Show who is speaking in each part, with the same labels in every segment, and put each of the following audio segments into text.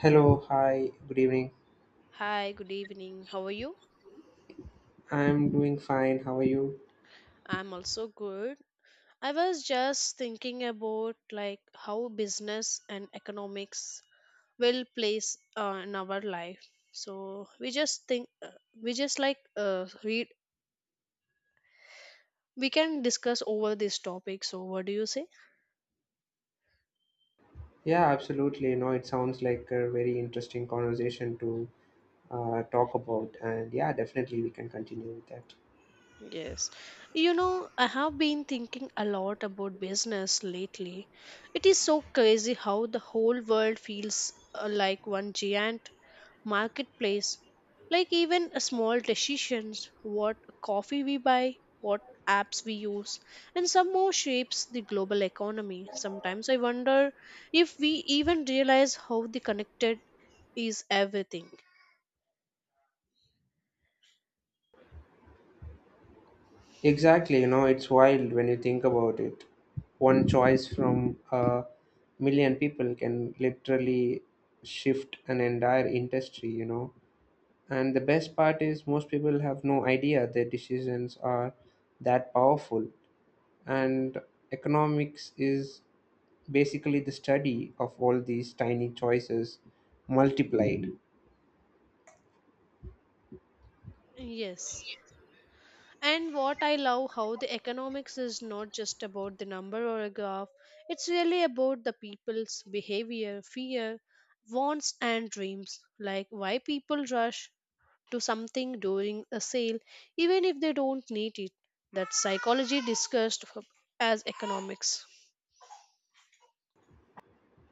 Speaker 1: Hello, hi, good evening.
Speaker 2: Hi, good evening. How are you?
Speaker 1: I'm doing fine. How are you?
Speaker 2: I'm also good. I was just thinking about like how business and economics will place in our life. So we just think we just like read we can discuss over this topic. So what do you say?
Speaker 1: Yeah, absolutely. You know, it sounds like a very interesting conversation to talk about, and yeah, definitely we can continue with that.
Speaker 2: Yes. You know, I have been thinking a lot about business lately. It is so crazy how the whole world feels like one giant marketplace, like even a small decisions, what coffee we buy, what apps we use, and some more shapes the global economy. Sometimes I wonder if we even realize how the connected is everything.
Speaker 1: Exactly. You know, it's wild when you think about it. One choice from a million people can literally shift an entire industry, you know. And the best part is, most people have no idea their decisions are that powerful. And economics is basically the study of all these tiny choices multiplied.
Speaker 2: Yes, and what I love how the economics is not just about the number or a graph. It's really about the people's behavior, fear, wants and dreams. Like why people rush to something during a sale, even if they don't need it. That's psychology as economics.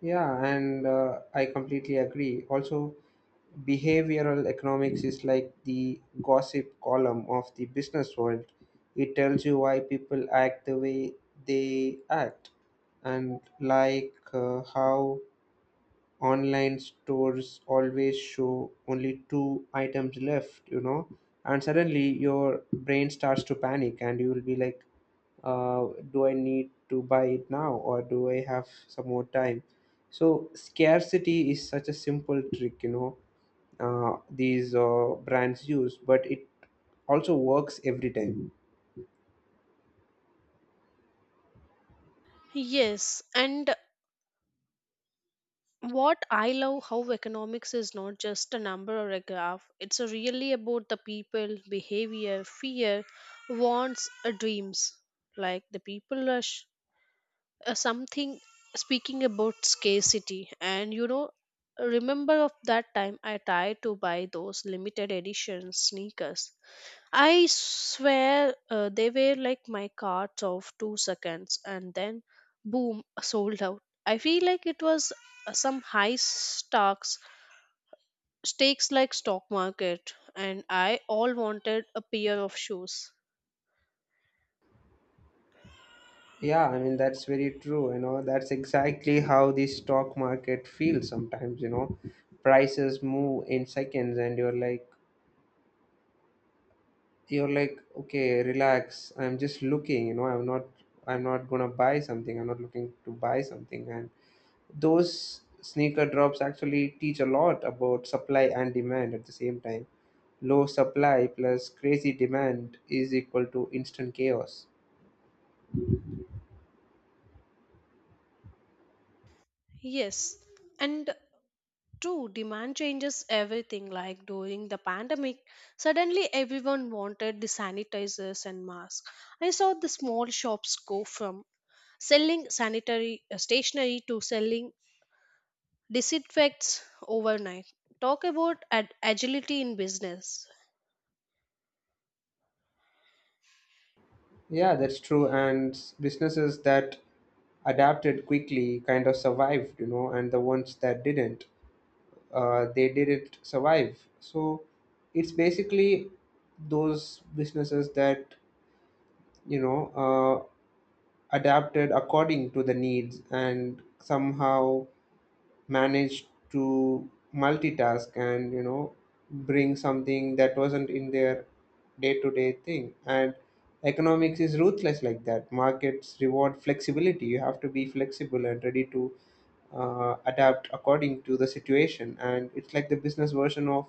Speaker 1: Yeah, and I completely agree. Also, behavioral economics is like the gossip column of the business world. It tells you why people act the way they act, and like, how online stores always show only two items left, and suddenly your brain starts to panic and you will be like, do I need to buy it now, or do I have some more time? So scarcity is such a simple trick, you know, these brands use, but it also works every time.
Speaker 2: Yes, and what I love how economics is not just a number or a graph. It's really about the people, behavior, fear, wants, dreams. Like the people are sh- something. Speaking about scarcity, and you know, remember of that time I tried to buy those limited edition sneakers. I swear they were like my carts of 2 seconds and then boom, sold out. I feel like it was some stakes like stock market, and I all wanted a pair of shoes.
Speaker 1: Yeah, I mean, that's very true. You know, that's exactly how the stock market feels sometimes. You know, prices move in seconds and you're like, okay, relax, I'm just looking, you know. I'm not gonna buy something. I'm not looking to buy something. And those sneaker drops actually teach a lot about supply and demand at the same time. Low supply plus crazy demand is equal to instant chaos.
Speaker 2: Yes, and true, demand changes everything. Like during the pandemic, suddenly everyone wanted the sanitizers and masks. I saw the small shops go from selling sanitary stationery to selling disinfects overnight. Talk about agility in business.
Speaker 1: Yeah, that's true. And businesses that adapted quickly kind of survived, you know, and the ones that didn't, they didn't survive. So it's basically those businesses that, you know, uh, adapted according to the needs and somehow managed to multitask and, you know, bring something that wasn't in their day-to-day thing. And economics is ruthless like that. Markets reward flexibility. You have to be flexible and ready to adapt according to the situation, and it's like the business version of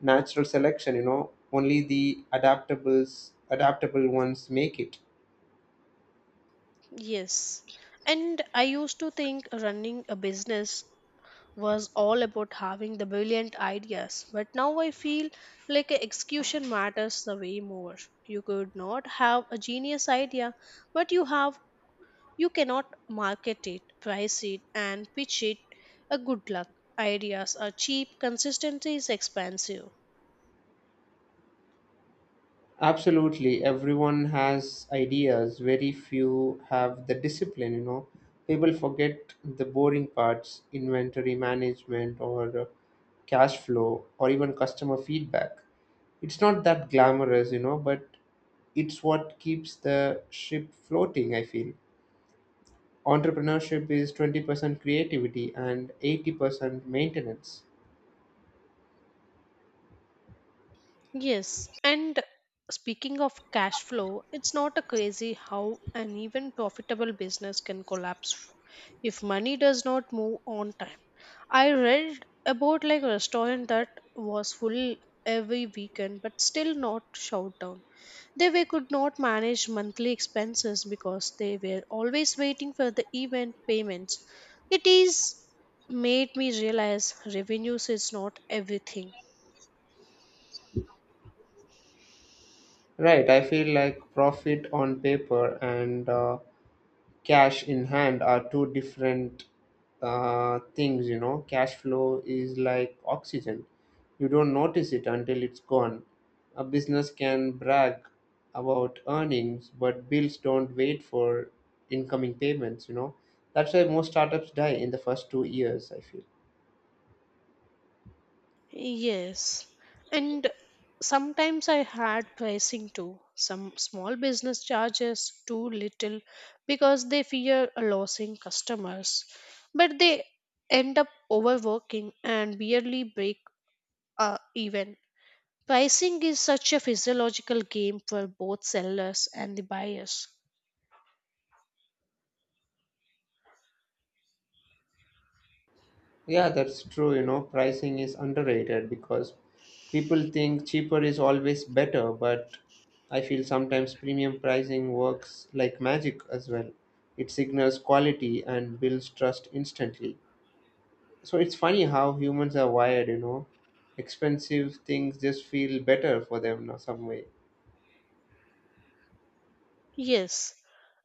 Speaker 1: natural selection, you know. Only the adaptable ones make it.
Speaker 2: Yes. And I used to think running a business was all about having the brilliant ideas, but now I feel like a execution matters the way more. You could not have a genius idea, but you cannot market it, price it, and pitch it. A good luck. Ideas are cheap, consistency is expensive.
Speaker 1: Absolutely, everyone has ideas, very few have the discipline, you know. People forget the boring parts, inventory management or cash flow, or even customer feedback. It's not that glamorous, you know, but it's what keeps the ship floating, I feel. Entrepreneurship is 20% creativity and 80% maintenance.
Speaker 2: Yes, and speaking of cash flow, it's not a crazy how an even profitable business can collapse if money does not move on time. I read about like a restaurant that was full every weekend but still not shut down. They were, could not manage monthly expenses because they were always waiting for the event payments. It is made me realize revenues is not everything.
Speaker 1: Right, I feel like profit on paper and cash in hand are two different things, you know. Cash flow is like oxygen, you don't notice it until it's gone. A business can brag about earnings, but bills don't wait for incoming payments, you know. That's why most startups die in the first 2 years, I feel.
Speaker 2: Yes. And sometimes I had pricing too. Some small business charges too little because they fear losing customers. But they end up overworking and barely break even. Pricing is such a physiological game for both sellers and the buyers.
Speaker 1: Yeah, that's true. You know, pricing is underrated because people think cheaper is always better, but I feel sometimes premium pricing works like magic as well. It signals quality and builds trust instantly. So it's funny how humans are wired, you know. Expensive things just feel better for them in some way.
Speaker 2: Yes,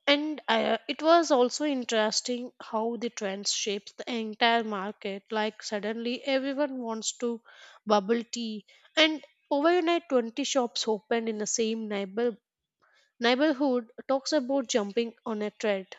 Speaker 2: and it was also interesting how the trends shapes the entire market. Like suddenly everyone wants to bubble tea, and overnight 20 shops opened in the same neighborhood. Talks about jumping on a trend.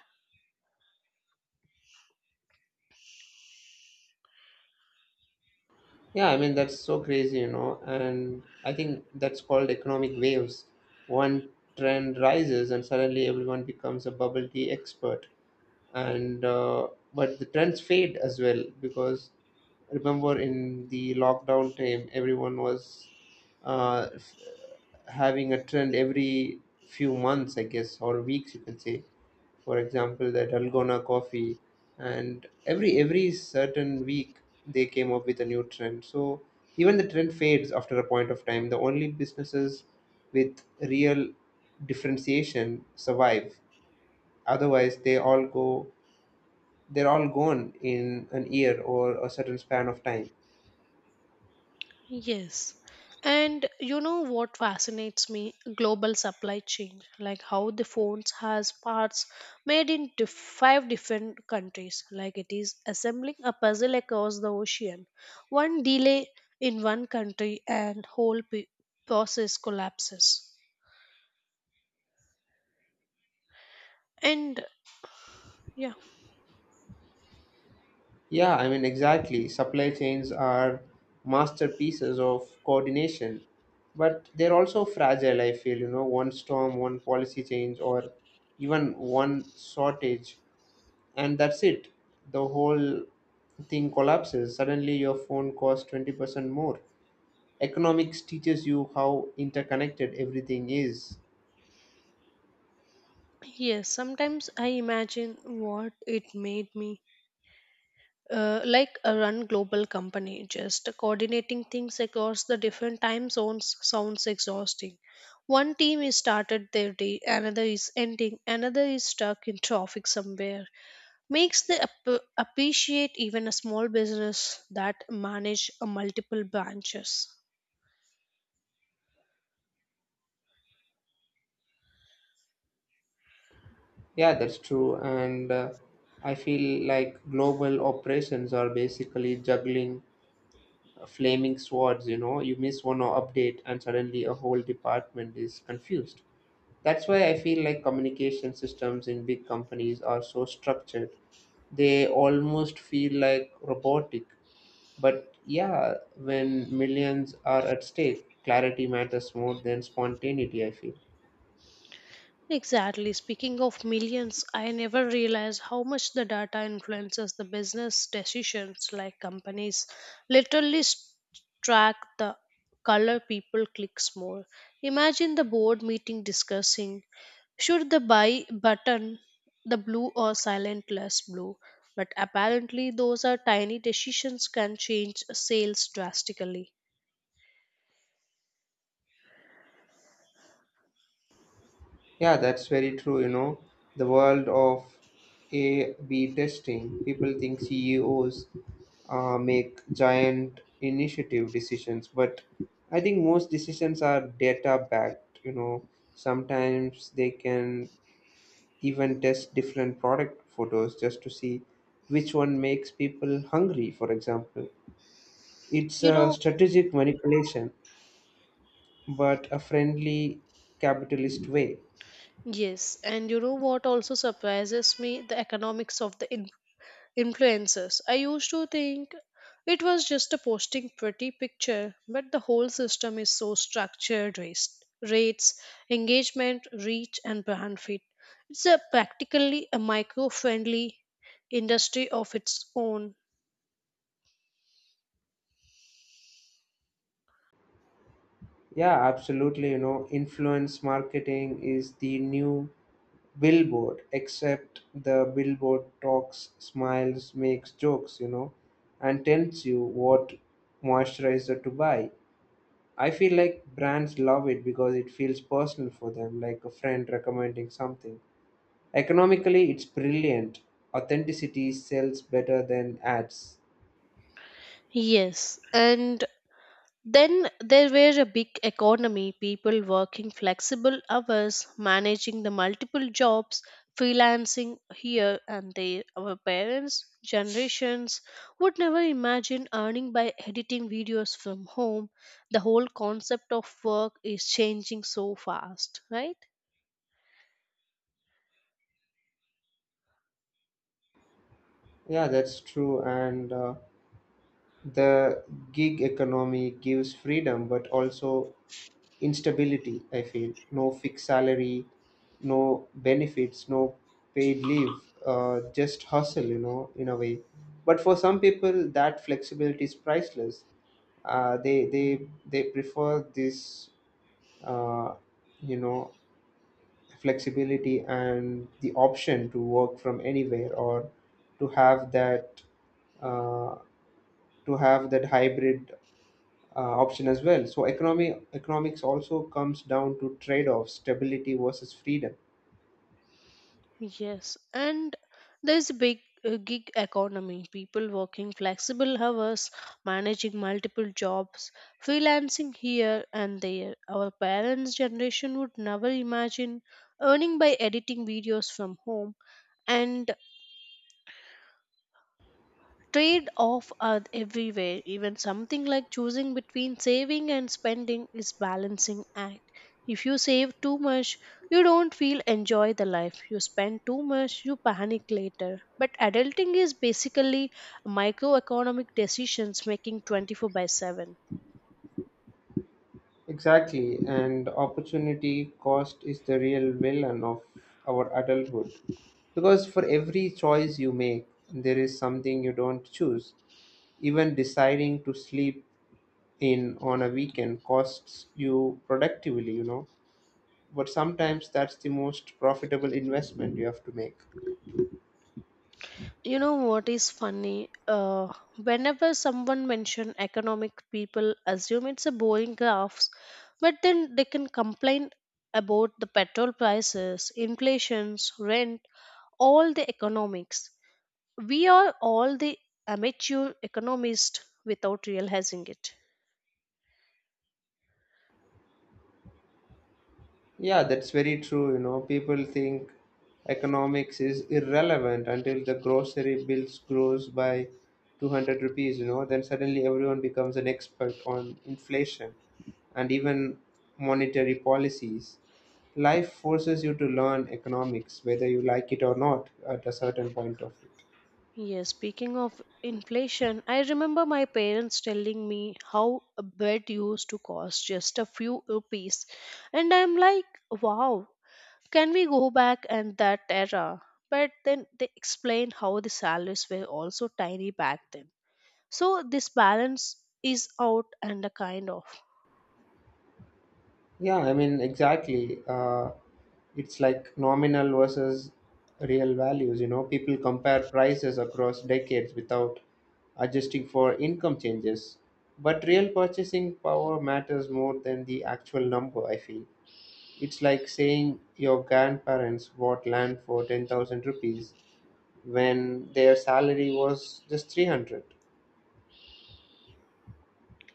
Speaker 1: Yeah, I mean, that's so crazy, you know. And I think that's called economic waves. One trend rises, and suddenly everyone becomes a bubble tea expert, and but the trends fade as well. Because remember in the lockdown time, everyone was, uh, f- having a trend every few months, I guess, or weeks, you can say. For example, the dalgona coffee. And every certain week, they came up with a new trend. So even the trend fades after a point of time, the only businesses with real differentiation survive. Otherwise, they're all gone in an year or a certain span of time.
Speaker 2: Yes. And you know what fascinates me? Global supply chain, like how the phones has parts made in five different countries. Like it is assembling a puzzle across the ocean. One delay in one country and process collapses. And yeah,
Speaker 1: Yeah, I mean, exactly. Supply chains are masterpieces of coordination, but they're also fragile, I feel. You know, one storm, one policy change, or even one shortage, and that's it. The whole thing collapses. Suddenly, your phone costs 20% more. Economics teaches you how interconnected everything is.
Speaker 2: yes, sometimes I imagine what it made me like a run global company. Just coordinating things across the different time zones sounds exhausting. One team is started their day, another is ending, another is stuck in traffic somewhere. Makes the appreciate even a small business that manage a multiple branches.
Speaker 1: Yeah, that's true. And I feel like global operations are basically juggling flaming swords, you know. You miss one update and suddenly a whole department is confused. That's why I feel like communication systems in big companies are so structured. They almost feel like robotic. But yeah, when millions are at stake, clarity matters more than spontaneity, I feel.
Speaker 2: Exactly. Speaking of millions, I never realized how much the data influences the business decisions. Like companies literally track the color people clicks more. Imagine the board meeting discussing, should the buy button the blue or silent less blue. But apparently, those are tiny decisions can change sales drastically.
Speaker 1: Yeah, that's very true. You know, the world of A/B testing. People think CEOs make giant initiative decisions, but I think most decisions are data backed. You know, sometimes they can even test different product photos just to see which one makes people hungry. For example, it's
Speaker 2: You
Speaker 1: a
Speaker 2: know,
Speaker 1: strategic manipulation, but a friendly capitalist way.
Speaker 2: yes, and you know what also surprises me? The economics of the influencers. I used to think it was just a posting pretty picture, but the whole system is so structured. Rates, engagement, reach, and brand fit. It's a practically a micro friendly industry of its own.
Speaker 1: Yeah, absolutely. You know, influence marketing is the new billboard, except the billboard talks, smiles, makes jokes, you know, and tells you what moisturizer to buy. I feel like brands love it because it feels personal for them, like a friend recommending something. Economically, it's brilliant. Authenticity sells better than ads.
Speaker 2: Yes, and then there were a big economy. People working flexible hours, managing the multiple jobs, freelancing here and there. Our parents' generations would never imagine earning by editing videos from home. The whole concept of work is changing so fast, right?
Speaker 1: Yeah, that's true. And the gig economy gives freedom, but also instability, I feel. No fixed salary, no benefits, no paid leave, just hustle, you know, in a way. But for some people that flexibility is priceless. They prefer this, uh, you know, flexibility and the option to work from anywhere, or to have that, uh, to have that hybrid option as well. So economy economics also comes down to trade offs, stability versus freedom.
Speaker 2: Yes, and there's a big gig economy. People working flexible hours, managing multiple jobs, freelancing here and there. Our parents' generation would never imagine earning by editing videos from home. And trade off are everywhere. Even something like choosing between saving and spending is balancing act. If you save too much, you don't feel enjoy the life. You spend too much, you panic later. But adulting is basically microeconomic decisions making 24 by 7.
Speaker 1: Exactly, and opportunity cost is the real villain of our adulthood. Because for every choice you make, there is something you don't choose. Even deciding to sleep in on a weekend costs you productively, you know. But sometimes that's the most profitable investment you have to make.
Speaker 2: You know what is funny? Whenever someone mention economic, people assume it's a boring graphs, but then they can complain about the petrol prices, inflations, rent, all the economics. We are all the amateur economists without realizing it.
Speaker 1: Yeah, that's very true. You know, people think economics is irrelevant until the grocery bills grows by 200 rupees, you know. Then suddenly everyone becomes an expert on inflation and even monetary policies. Life forces you to learn economics, whether you like it or not, at a certain point of view.
Speaker 2: Yes, speaking of inflation, I remember my parents telling me how a bread used to cost just a few rupees. And I'm like, wow, can we go back and that era? But then they explain how the salaries were also tiny back then. So this balance is out and a kind of.
Speaker 1: Yeah, I mean, exactly. It's like nominal versus real values, you know. People compare prices across decades without adjusting for income changes. But real purchasing power matters more than the actual number, I feel. It's like saying your grandparents bought land for 10,000 rupees when their salary was just 300.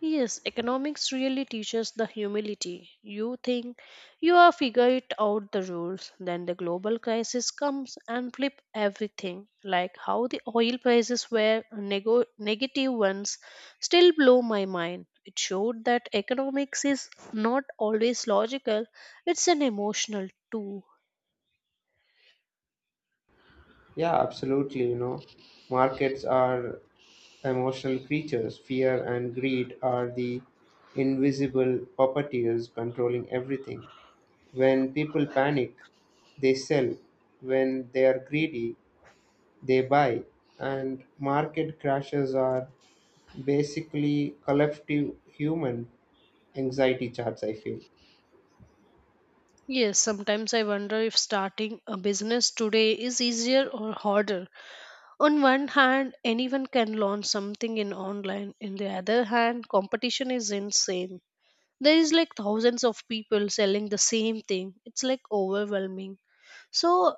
Speaker 2: Yes, economics really teaches the humility. You think you are figure it out the rules, then the global crisis comes and flip everything. Like how the oil prices were negative ones still blow my mind. It showed that economics is not always logical, it's an emotional too.
Speaker 1: Yeah, absolutely, you know. Markets are emotional creatures. Fear and greed are the invisible puppeteers controlling everything. When people panic, they sell. When they are greedy, they buy. And market crashes are basically collective human anxiety charts, I feel.
Speaker 2: Yes, sometimes I wonder if starting a business today is easier or harder. On one hand, anyone can learn something in online. In the other hand, competition is insane. There is like thousands of people selling the same thing. It's like overwhelming. So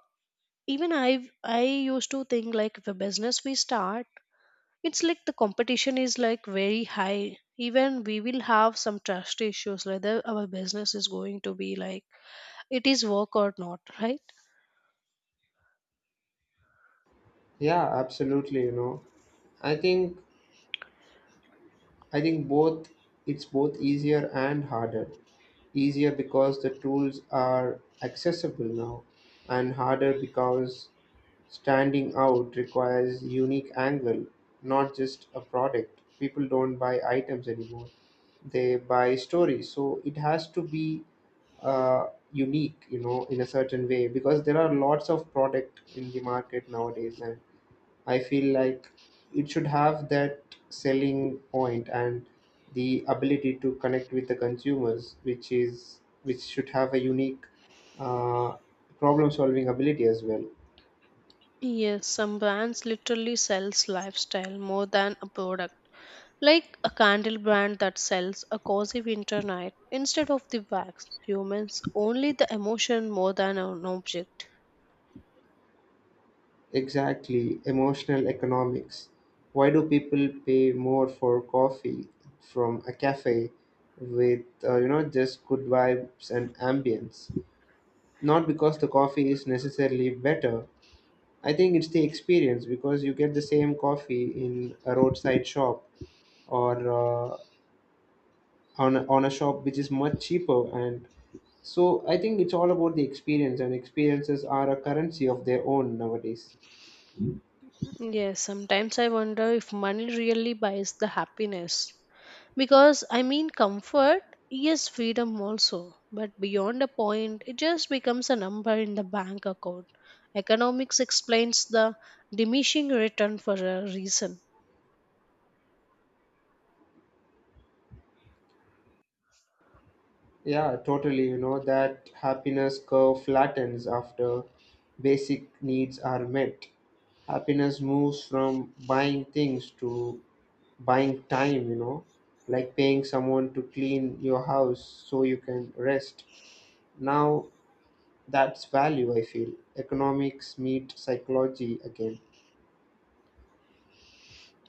Speaker 2: even I used to think like if a business we start, it's like the competition is like very high. Even we will have some trust issues whether our business is going to be like it is work or not, right?
Speaker 1: Yeah, absolutely, you know. I think I think both, it's both easier and harder. Easier because the tools are accessible now, and harder because standing out requires unique angle, not just a product. People don't buy items anymore; they buy stories. So it has to be unique, you know, in a certain way, because there are lots of product in the market nowadays, and I feel like it should have that selling point and the ability to connect with the consumers, which should have a unique uh, problem-solving ability as well.
Speaker 2: Yes, some brands literally sells lifestyle more than a product. Like a candle brand that sells a cozy winter night instead of the wax, humans only the emotion more than an object.
Speaker 1: Exactly, emotional economics. Why do people pay more for coffee from a cafe with, you know, just good vibes and ambience? Not because the coffee is necessarily better, I think it's the experience. Because you get the same coffee in a roadside shop or, uh, on a shop which is much cheaper. And so I think it's all about the experience, and experiences are a currency of their own nowadays.
Speaker 2: Yes, sometimes I wonder if money really buys the happiness. Because I mean, comfort, yes, freedom also, but beyond a point, it just becomes a number in the bank account. Economics explains the diminishing return for a reason.
Speaker 1: Yeah, totally. You know, that happiness curve flattens after basic needs are met. Happiness moves from buying things to buying time, you know, like paying someone to clean your house so you can rest. Now that's value, I feel. Economics meet psychology again.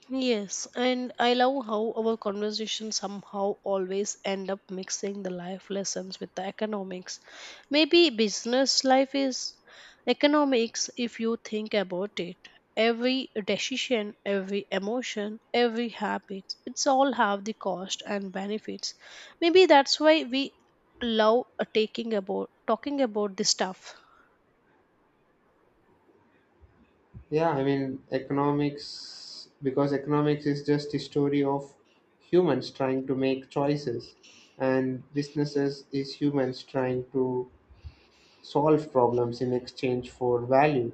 Speaker 2: Yes, and I love how our conversation somehow always end up mixing the life lessons with the economics. Maybe business life is economics if you think about it. Every decision, every emotion, every habit, it's all have the cost and benefits. Maybe that's why we love taking about talking about this stuff.
Speaker 1: Yeah, I mean, economics, because economics is just a story of humans trying to make choices, and businesses is humans trying to solve problems in exchange for value.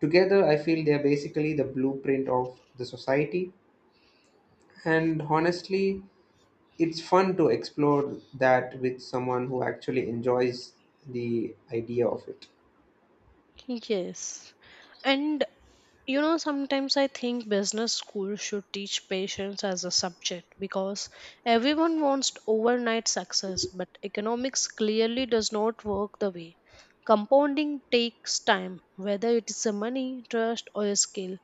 Speaker 1: Together, I feel they're basically the blueprint of the society, and honestly, it's fun to explore that with someone who actually enjoys the idea of it.
Speaker 2: Yes. And you know, sometimes I think business school should teach patience as a subject because everyone wants overnight success, but economics clearly does not work the way. Compounding takes time, whether it is a money, trust, or a skill.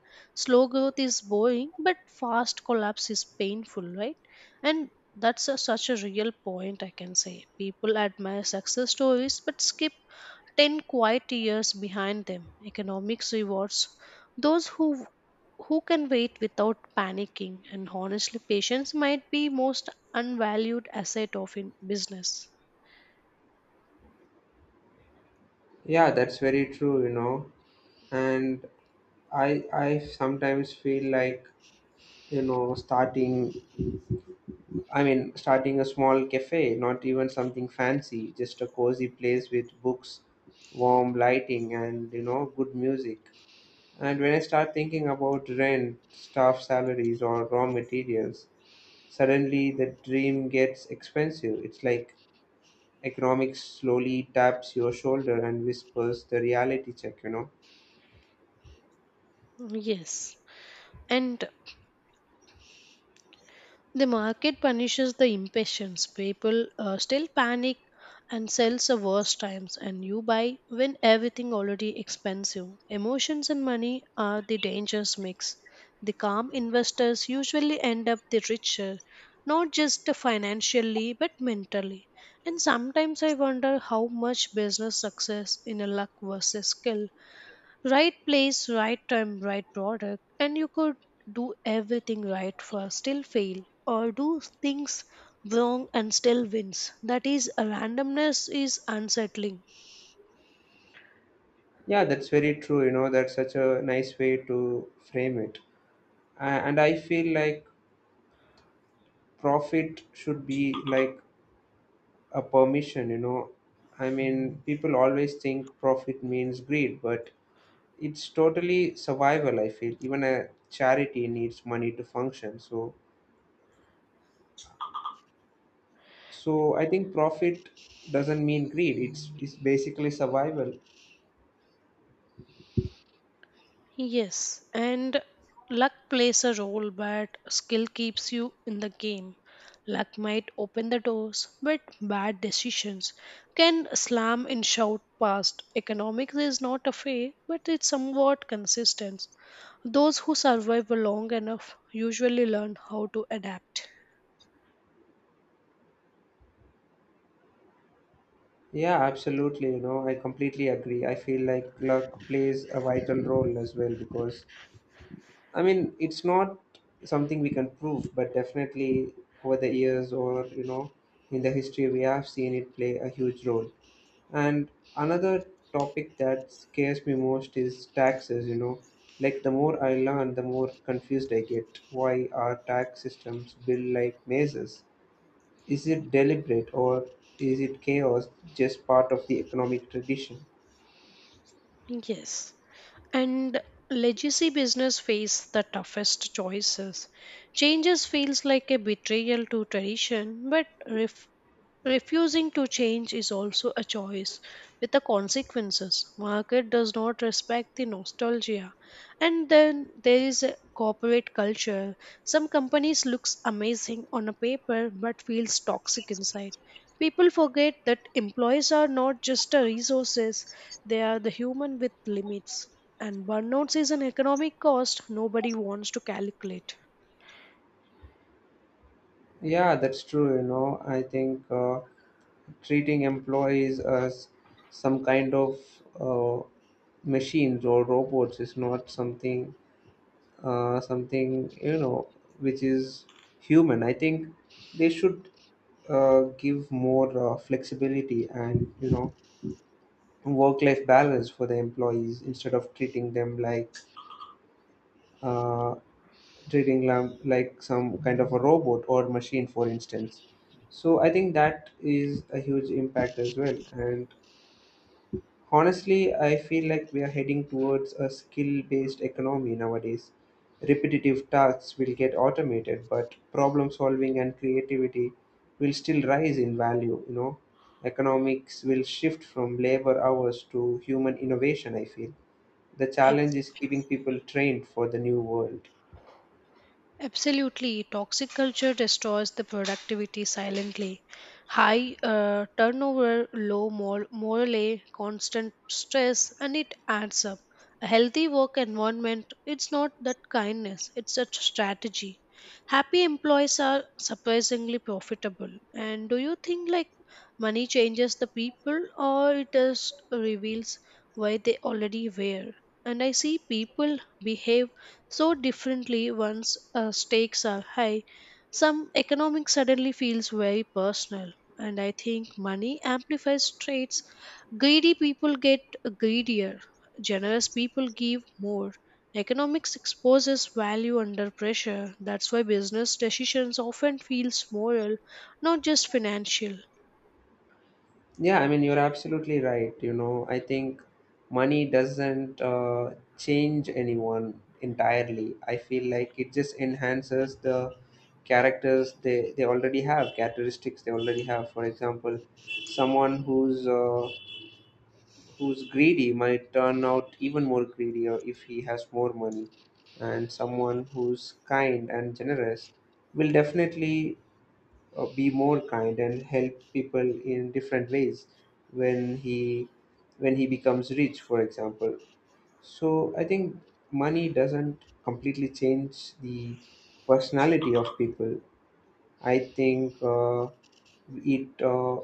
Speaker 2: Slow growth is boring, but fast collapse is painful, right? And that's a, such a real point, I can say. People admire success stories but skip 10 quiet years behind them. Economics rewards those who can wait without panicking, and honestly patience might be most unvalued asset of in business.
Speaker 1: Yeah, that's very true, you know. And I sometimes feel like, you know, starting I mean, starting a small cafe, not even something fancy, just a cozy place with books, warm lighting, and, you know, good music. And when I start thinking about rent, staff salaries or raw materials, suddenly the dream gets expensive. It's like economics slowly taps your shoulder and whispers the reality check, you know.
Speaker 2: Yes. And the market punishes the impatience. People still panic and sells the worst times, and you buy when everything already expensive. Emotions and money are the dangerous mix. The calm investors usually end up the richer, not just financially but mentally. And sometimes I wonder how much business success in a luck versus skill. Right place, right time, right product, and you could do everything right first, still fail, or do things wrong and still wins. That is, randomness is unsettling.
Speaker 1: Yeah, that's very true. You know, that's such a nice way to frame it. And I feel like profit should be like a permission, you know. I mean, people always think profit means greed, but it's totally survival, I feel. Even a charity needs money to function. So I think profit doesn't mean greed. It's basically survival.
Speaker 2: Yes, and luck plays a role, but skill keeps you in the game. Luck might open the doors, but bad decisions can slam and shout past. Economics is not a fay, but it's somewhat consistent. Those who survive long enough usually learn how to adapt.
Speaker 1: Yeah, absolutely. You know, I completely agree. I feel like luck plays a vital role as well because it's not something we can prove, but definitely over the years, in the history, we have seen it play a huge role. And another topic that scares me most is taxes, you know. Like, the more I learn, the more confused I get. Why are tax systems built like mazes? Is it deliberate, or is it chaos just part of the economic tradition?
Speaker 2: Yes. And legacy business face the toughest choices. Changes feels like a betrayal to tradition, but refusing to change is also a choice with the consequences. Market does not respect the nostalgia. And then there is a corporate culture. Some companies looks amazing on a paper but feels toxic inside. People forget that employees are not just a resources, they are the human with limits. And burnouts is an economic cost nobody wants to calculate.
Speaker 1: Yeah, that's true, you know. I think. Treating employees as some kind of uh, machines or robots is not something which is human. I think they should give more flexibility and work-life balance for the employees, instead of uh, treating them like some kind of a robot or machine, for instance. So I think that is a huge impact as well. And honestly, I feel like we are heading towards a skill based economy nowadays. Repetitive tasks will get automated, but problem solving and creativity will still rise in value. Economics will shift from labor hours to human innovation, I feel. The challenge
Speaker 2: Absolutely.
Speaker 1: is keeping people trained for the new world.
Speaker 2: Absolutely. Toxic culture destroys the productivity silently. High turnover, low morale, constant stress, and it adds up. A healthy work environment, it's not that kindness, it's a strategy. Happy employees are surprisingly profitable. And do you think like money changes the people or it just reveals why they already were? And I see people behave so differently once stakes are high. Some economics suddenly feels very personal, and I think money amplifies traits. Greedy people get greedier, generous people give more. Economics exposes value under pressure. That's why business decisions often feels moral, not just financial.
Speaker 1: Yeah, I mean, you're absolutely right. I think money doesn't change anyone entirely. I feel like it just enhances the characters they already have, characteristics they already have. For example, someone who's who's greedy might turn out even more greedy, or if he has more money, and someone who's kind and generous will definitely be more kind and help people in different ways when he becomes rich, for example. So I think money doesn't completely change the personality of people. I think it uh,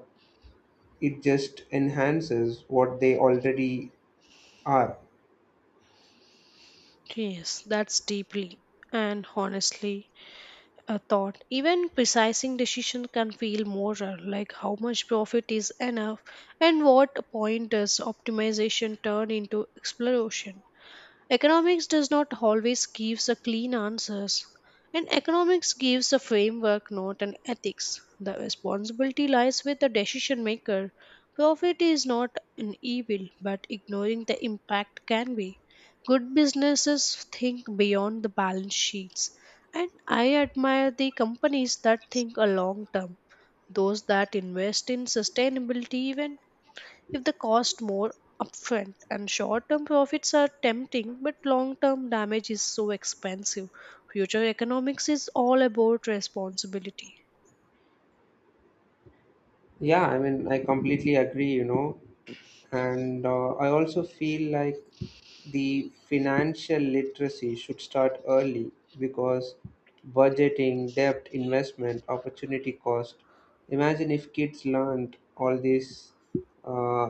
Speaker 1: it just enhances what they already are.
Speaker 2: Yes, that's deeply and honestly a thought. Even precising decision can feel moral, like how much profit is enough and what point does optimization turn into exploration. Economics does not always gives a clean answers. And economics gives a framework, not an ethics. The responsibility lies with the decision maker. Profit is not an evil, but ignoring the impact can be. Good businesses think beyond the balance sheets. And I admire the companies that think a long term, those that invest in sustainability even if the cost more upfront, and short-term profits are tempting but long-term damage is so expensive. Future economics is all about responsibility.
Speaker 1: Yeah, I mean, I completely agree, you know. And I also feel like the financial literacy should start early, because budgeting, debt, investment, opportunity cost. Imagine if kids learned all this uh,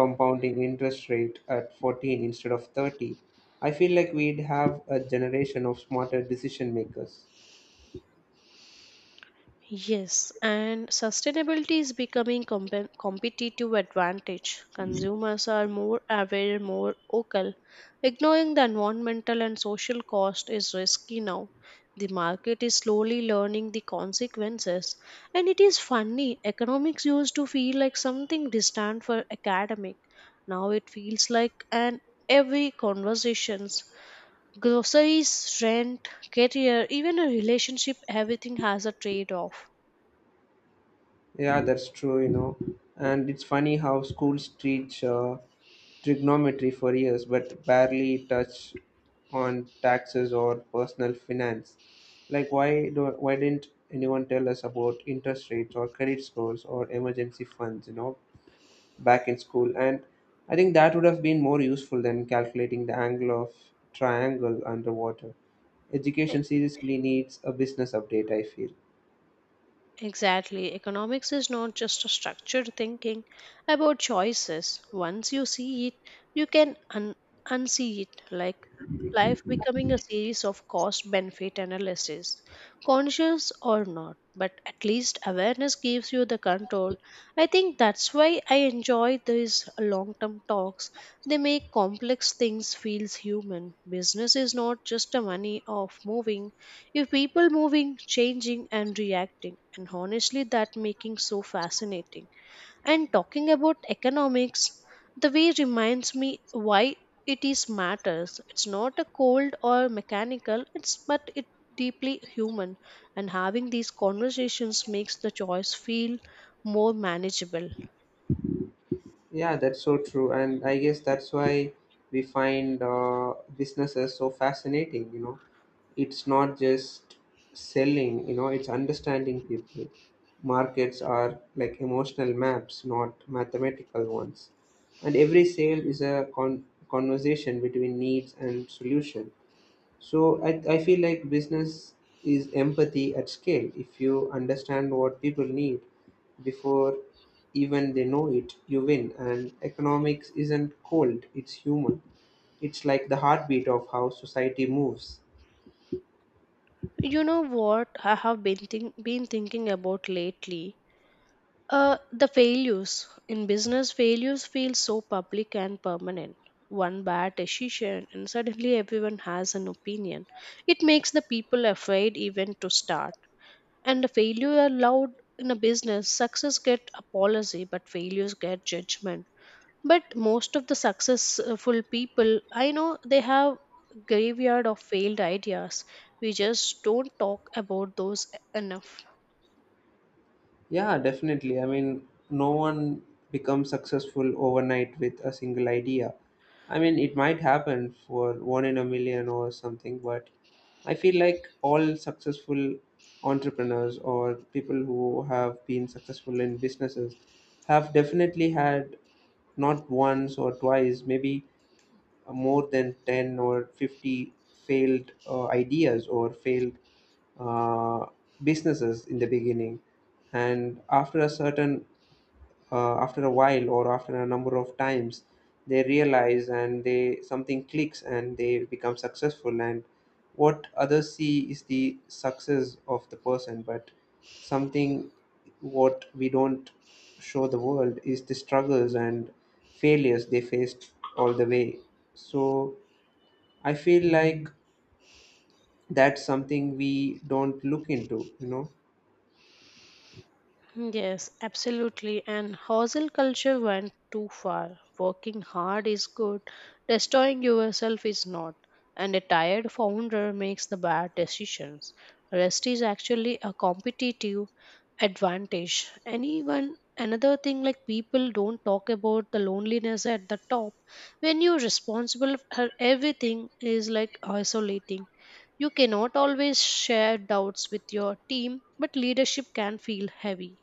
Speaker 1: compounding interest rate at 14 instead of 30. I feel like we'd have a generation of smarter decision makers.
Speaker 2: Yes, and sustainability is becoming competitive advantage. Consumers are more aware, more vocal. Ignoring the environmental and social cost is risky now. The market is slowly learning the consequences, and it is funny. Economics used to feel like something distant for academic. Now it feels like an every conversations: groceries, rent, career, even a relationship. Everything has a trade off.
Speaker 1: Yeah, that's true, you know. And it's funny how schools teach trigonometry for years but barely touch on taxes or personal finance. Like, why didn't anyone tell us about interest rates or credit scores or emergency funds, you know, back in school? And I think that would have been more useful than calculating the angle of triangle underwater. Education seriously needs a business update, I feel.
Speaker 2: Exactly. Economics is not just a structured thinking about choices. Once you see it, you can unsee it, like life becoming a series of cost benefit analysis, conscious or not. But at least awareness gives you the control. I think that's why I enjoy these long term talks. They make complex things feels human. Business is not just a money of moving, you have people moving, changing, and reacting. And honestly, that making so fascinating. And talking about economics, the way reminds me why it is matters. It's not a cold or mechanical. It's but it deeply human. And having these conversations makes the choice feel more manageable.
Speaker 1: Yeah, that's so true, and I guess that's why we find businesses so fascinating. You know, it's not just selling. You know, it's understanding people. Markets are like emotional maps, not mathematical ones, and every sale is a conversation between needs and solution. So I feel like business is empathy at scale. If you understand what people need before even they know it, you win. And economics isn't cold, it's human. It's like the heartbeat of how society moves.
Speaker 2: You know what I have been been thinking about lately? The failures in business, failures feel so public and permanent. One bad decision, and suddenly everyone has an opinion. It makes the people afraid even to start. And the failure allowed in a business, success get apology, but failures get judgment. But most of the successful people I know, they have graveyard of failed ideas. We just don't talk about those enough.
Speaker 1: Yeah, definitely. I mean, no one becomes successful overnight with a single idea. I mean, it might happen for one in a million or something, but I feel like all successful entrepreneurs or people who have been successful in businesses have definitely had, not once or twice, maybe more than 10 or 50 failed ideas or failed uh, businesses in the beginning. And after a certain, after a while, or after a number of times, they realize and they something clicks and they become successful. And what others see is the success of the person, but something what we don't show the world is the struggles and failures they faced all the way. So I feel like that's something we don't look into, you know.
Speaker 2: Yes, absolutely. And hustle culture went too far. Working hard is good, destroying yourself is not. And a tired founder makes the bad decisions. Rest is actually a competitive advantage. Anyone, another thing like people don't talk about the loneliness at the top. When you're responsible for everything is like isolating. You cannot always share doubts with your team, but leadership can feel heavy.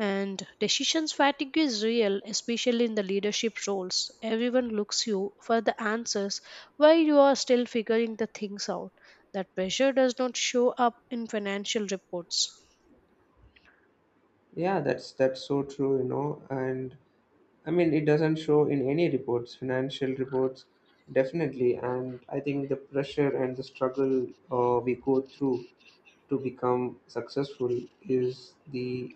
Speaker 2: And decisions fatigue is real, especially in the leadership roles. Everyone looks you for the answers while you are still figuring the things out. That pressure does not show up in financial reports.
Speaker 1: Yeah, that's so true, you know. And I mean, it doesn't show in any reports, financial reports, definitely. And I think the pressure and the struggle we go through to become successful is the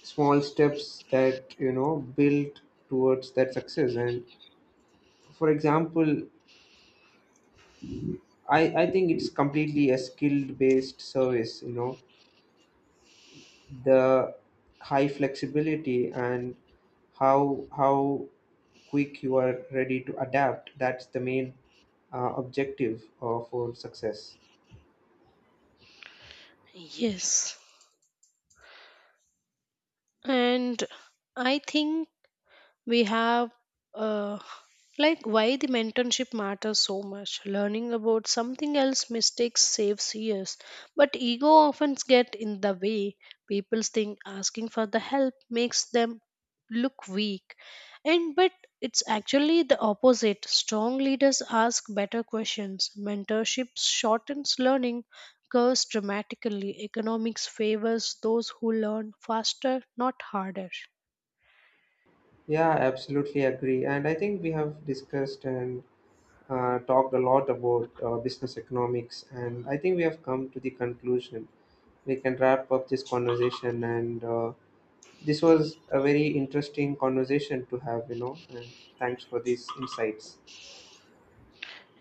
Speaker 1: small steps that, you know, build towards that success. And for example, I think it's completely a skill based service. You know, the high flexibility and how quick you are ready to adapt, that's the main objective for success.
Speaker 2: Yes. And I think we have uh, like why the mentorship matters so much. Learning about something else mistakes saves years, but ego often get in the way. People think asking for the help makes them look weak, and but it's actually the opposite. Strong leaders ask better questions. Mentorship shortens learning curves dramatically. Economics favors those who learn faster, not harder.
Speaker 1: Yeah, absolutely agree. And I think we have discussed and talked a lot about business economics, and I think we have come to the conclusion we can wrap up this conversation. And this was a very interesting conversation to have, you know, and thanks for these insights.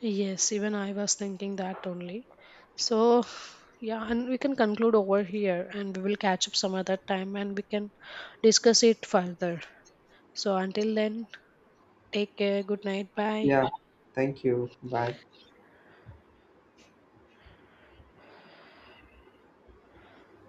Speaker 2: Yes, even I was thinking that only. So, yeah, and we can conclude over here and we will catch up some other time and we can discuss it further. So, until then, take care. Good night. Bye.
Speaker 1: Yeah. Thank you. Bye.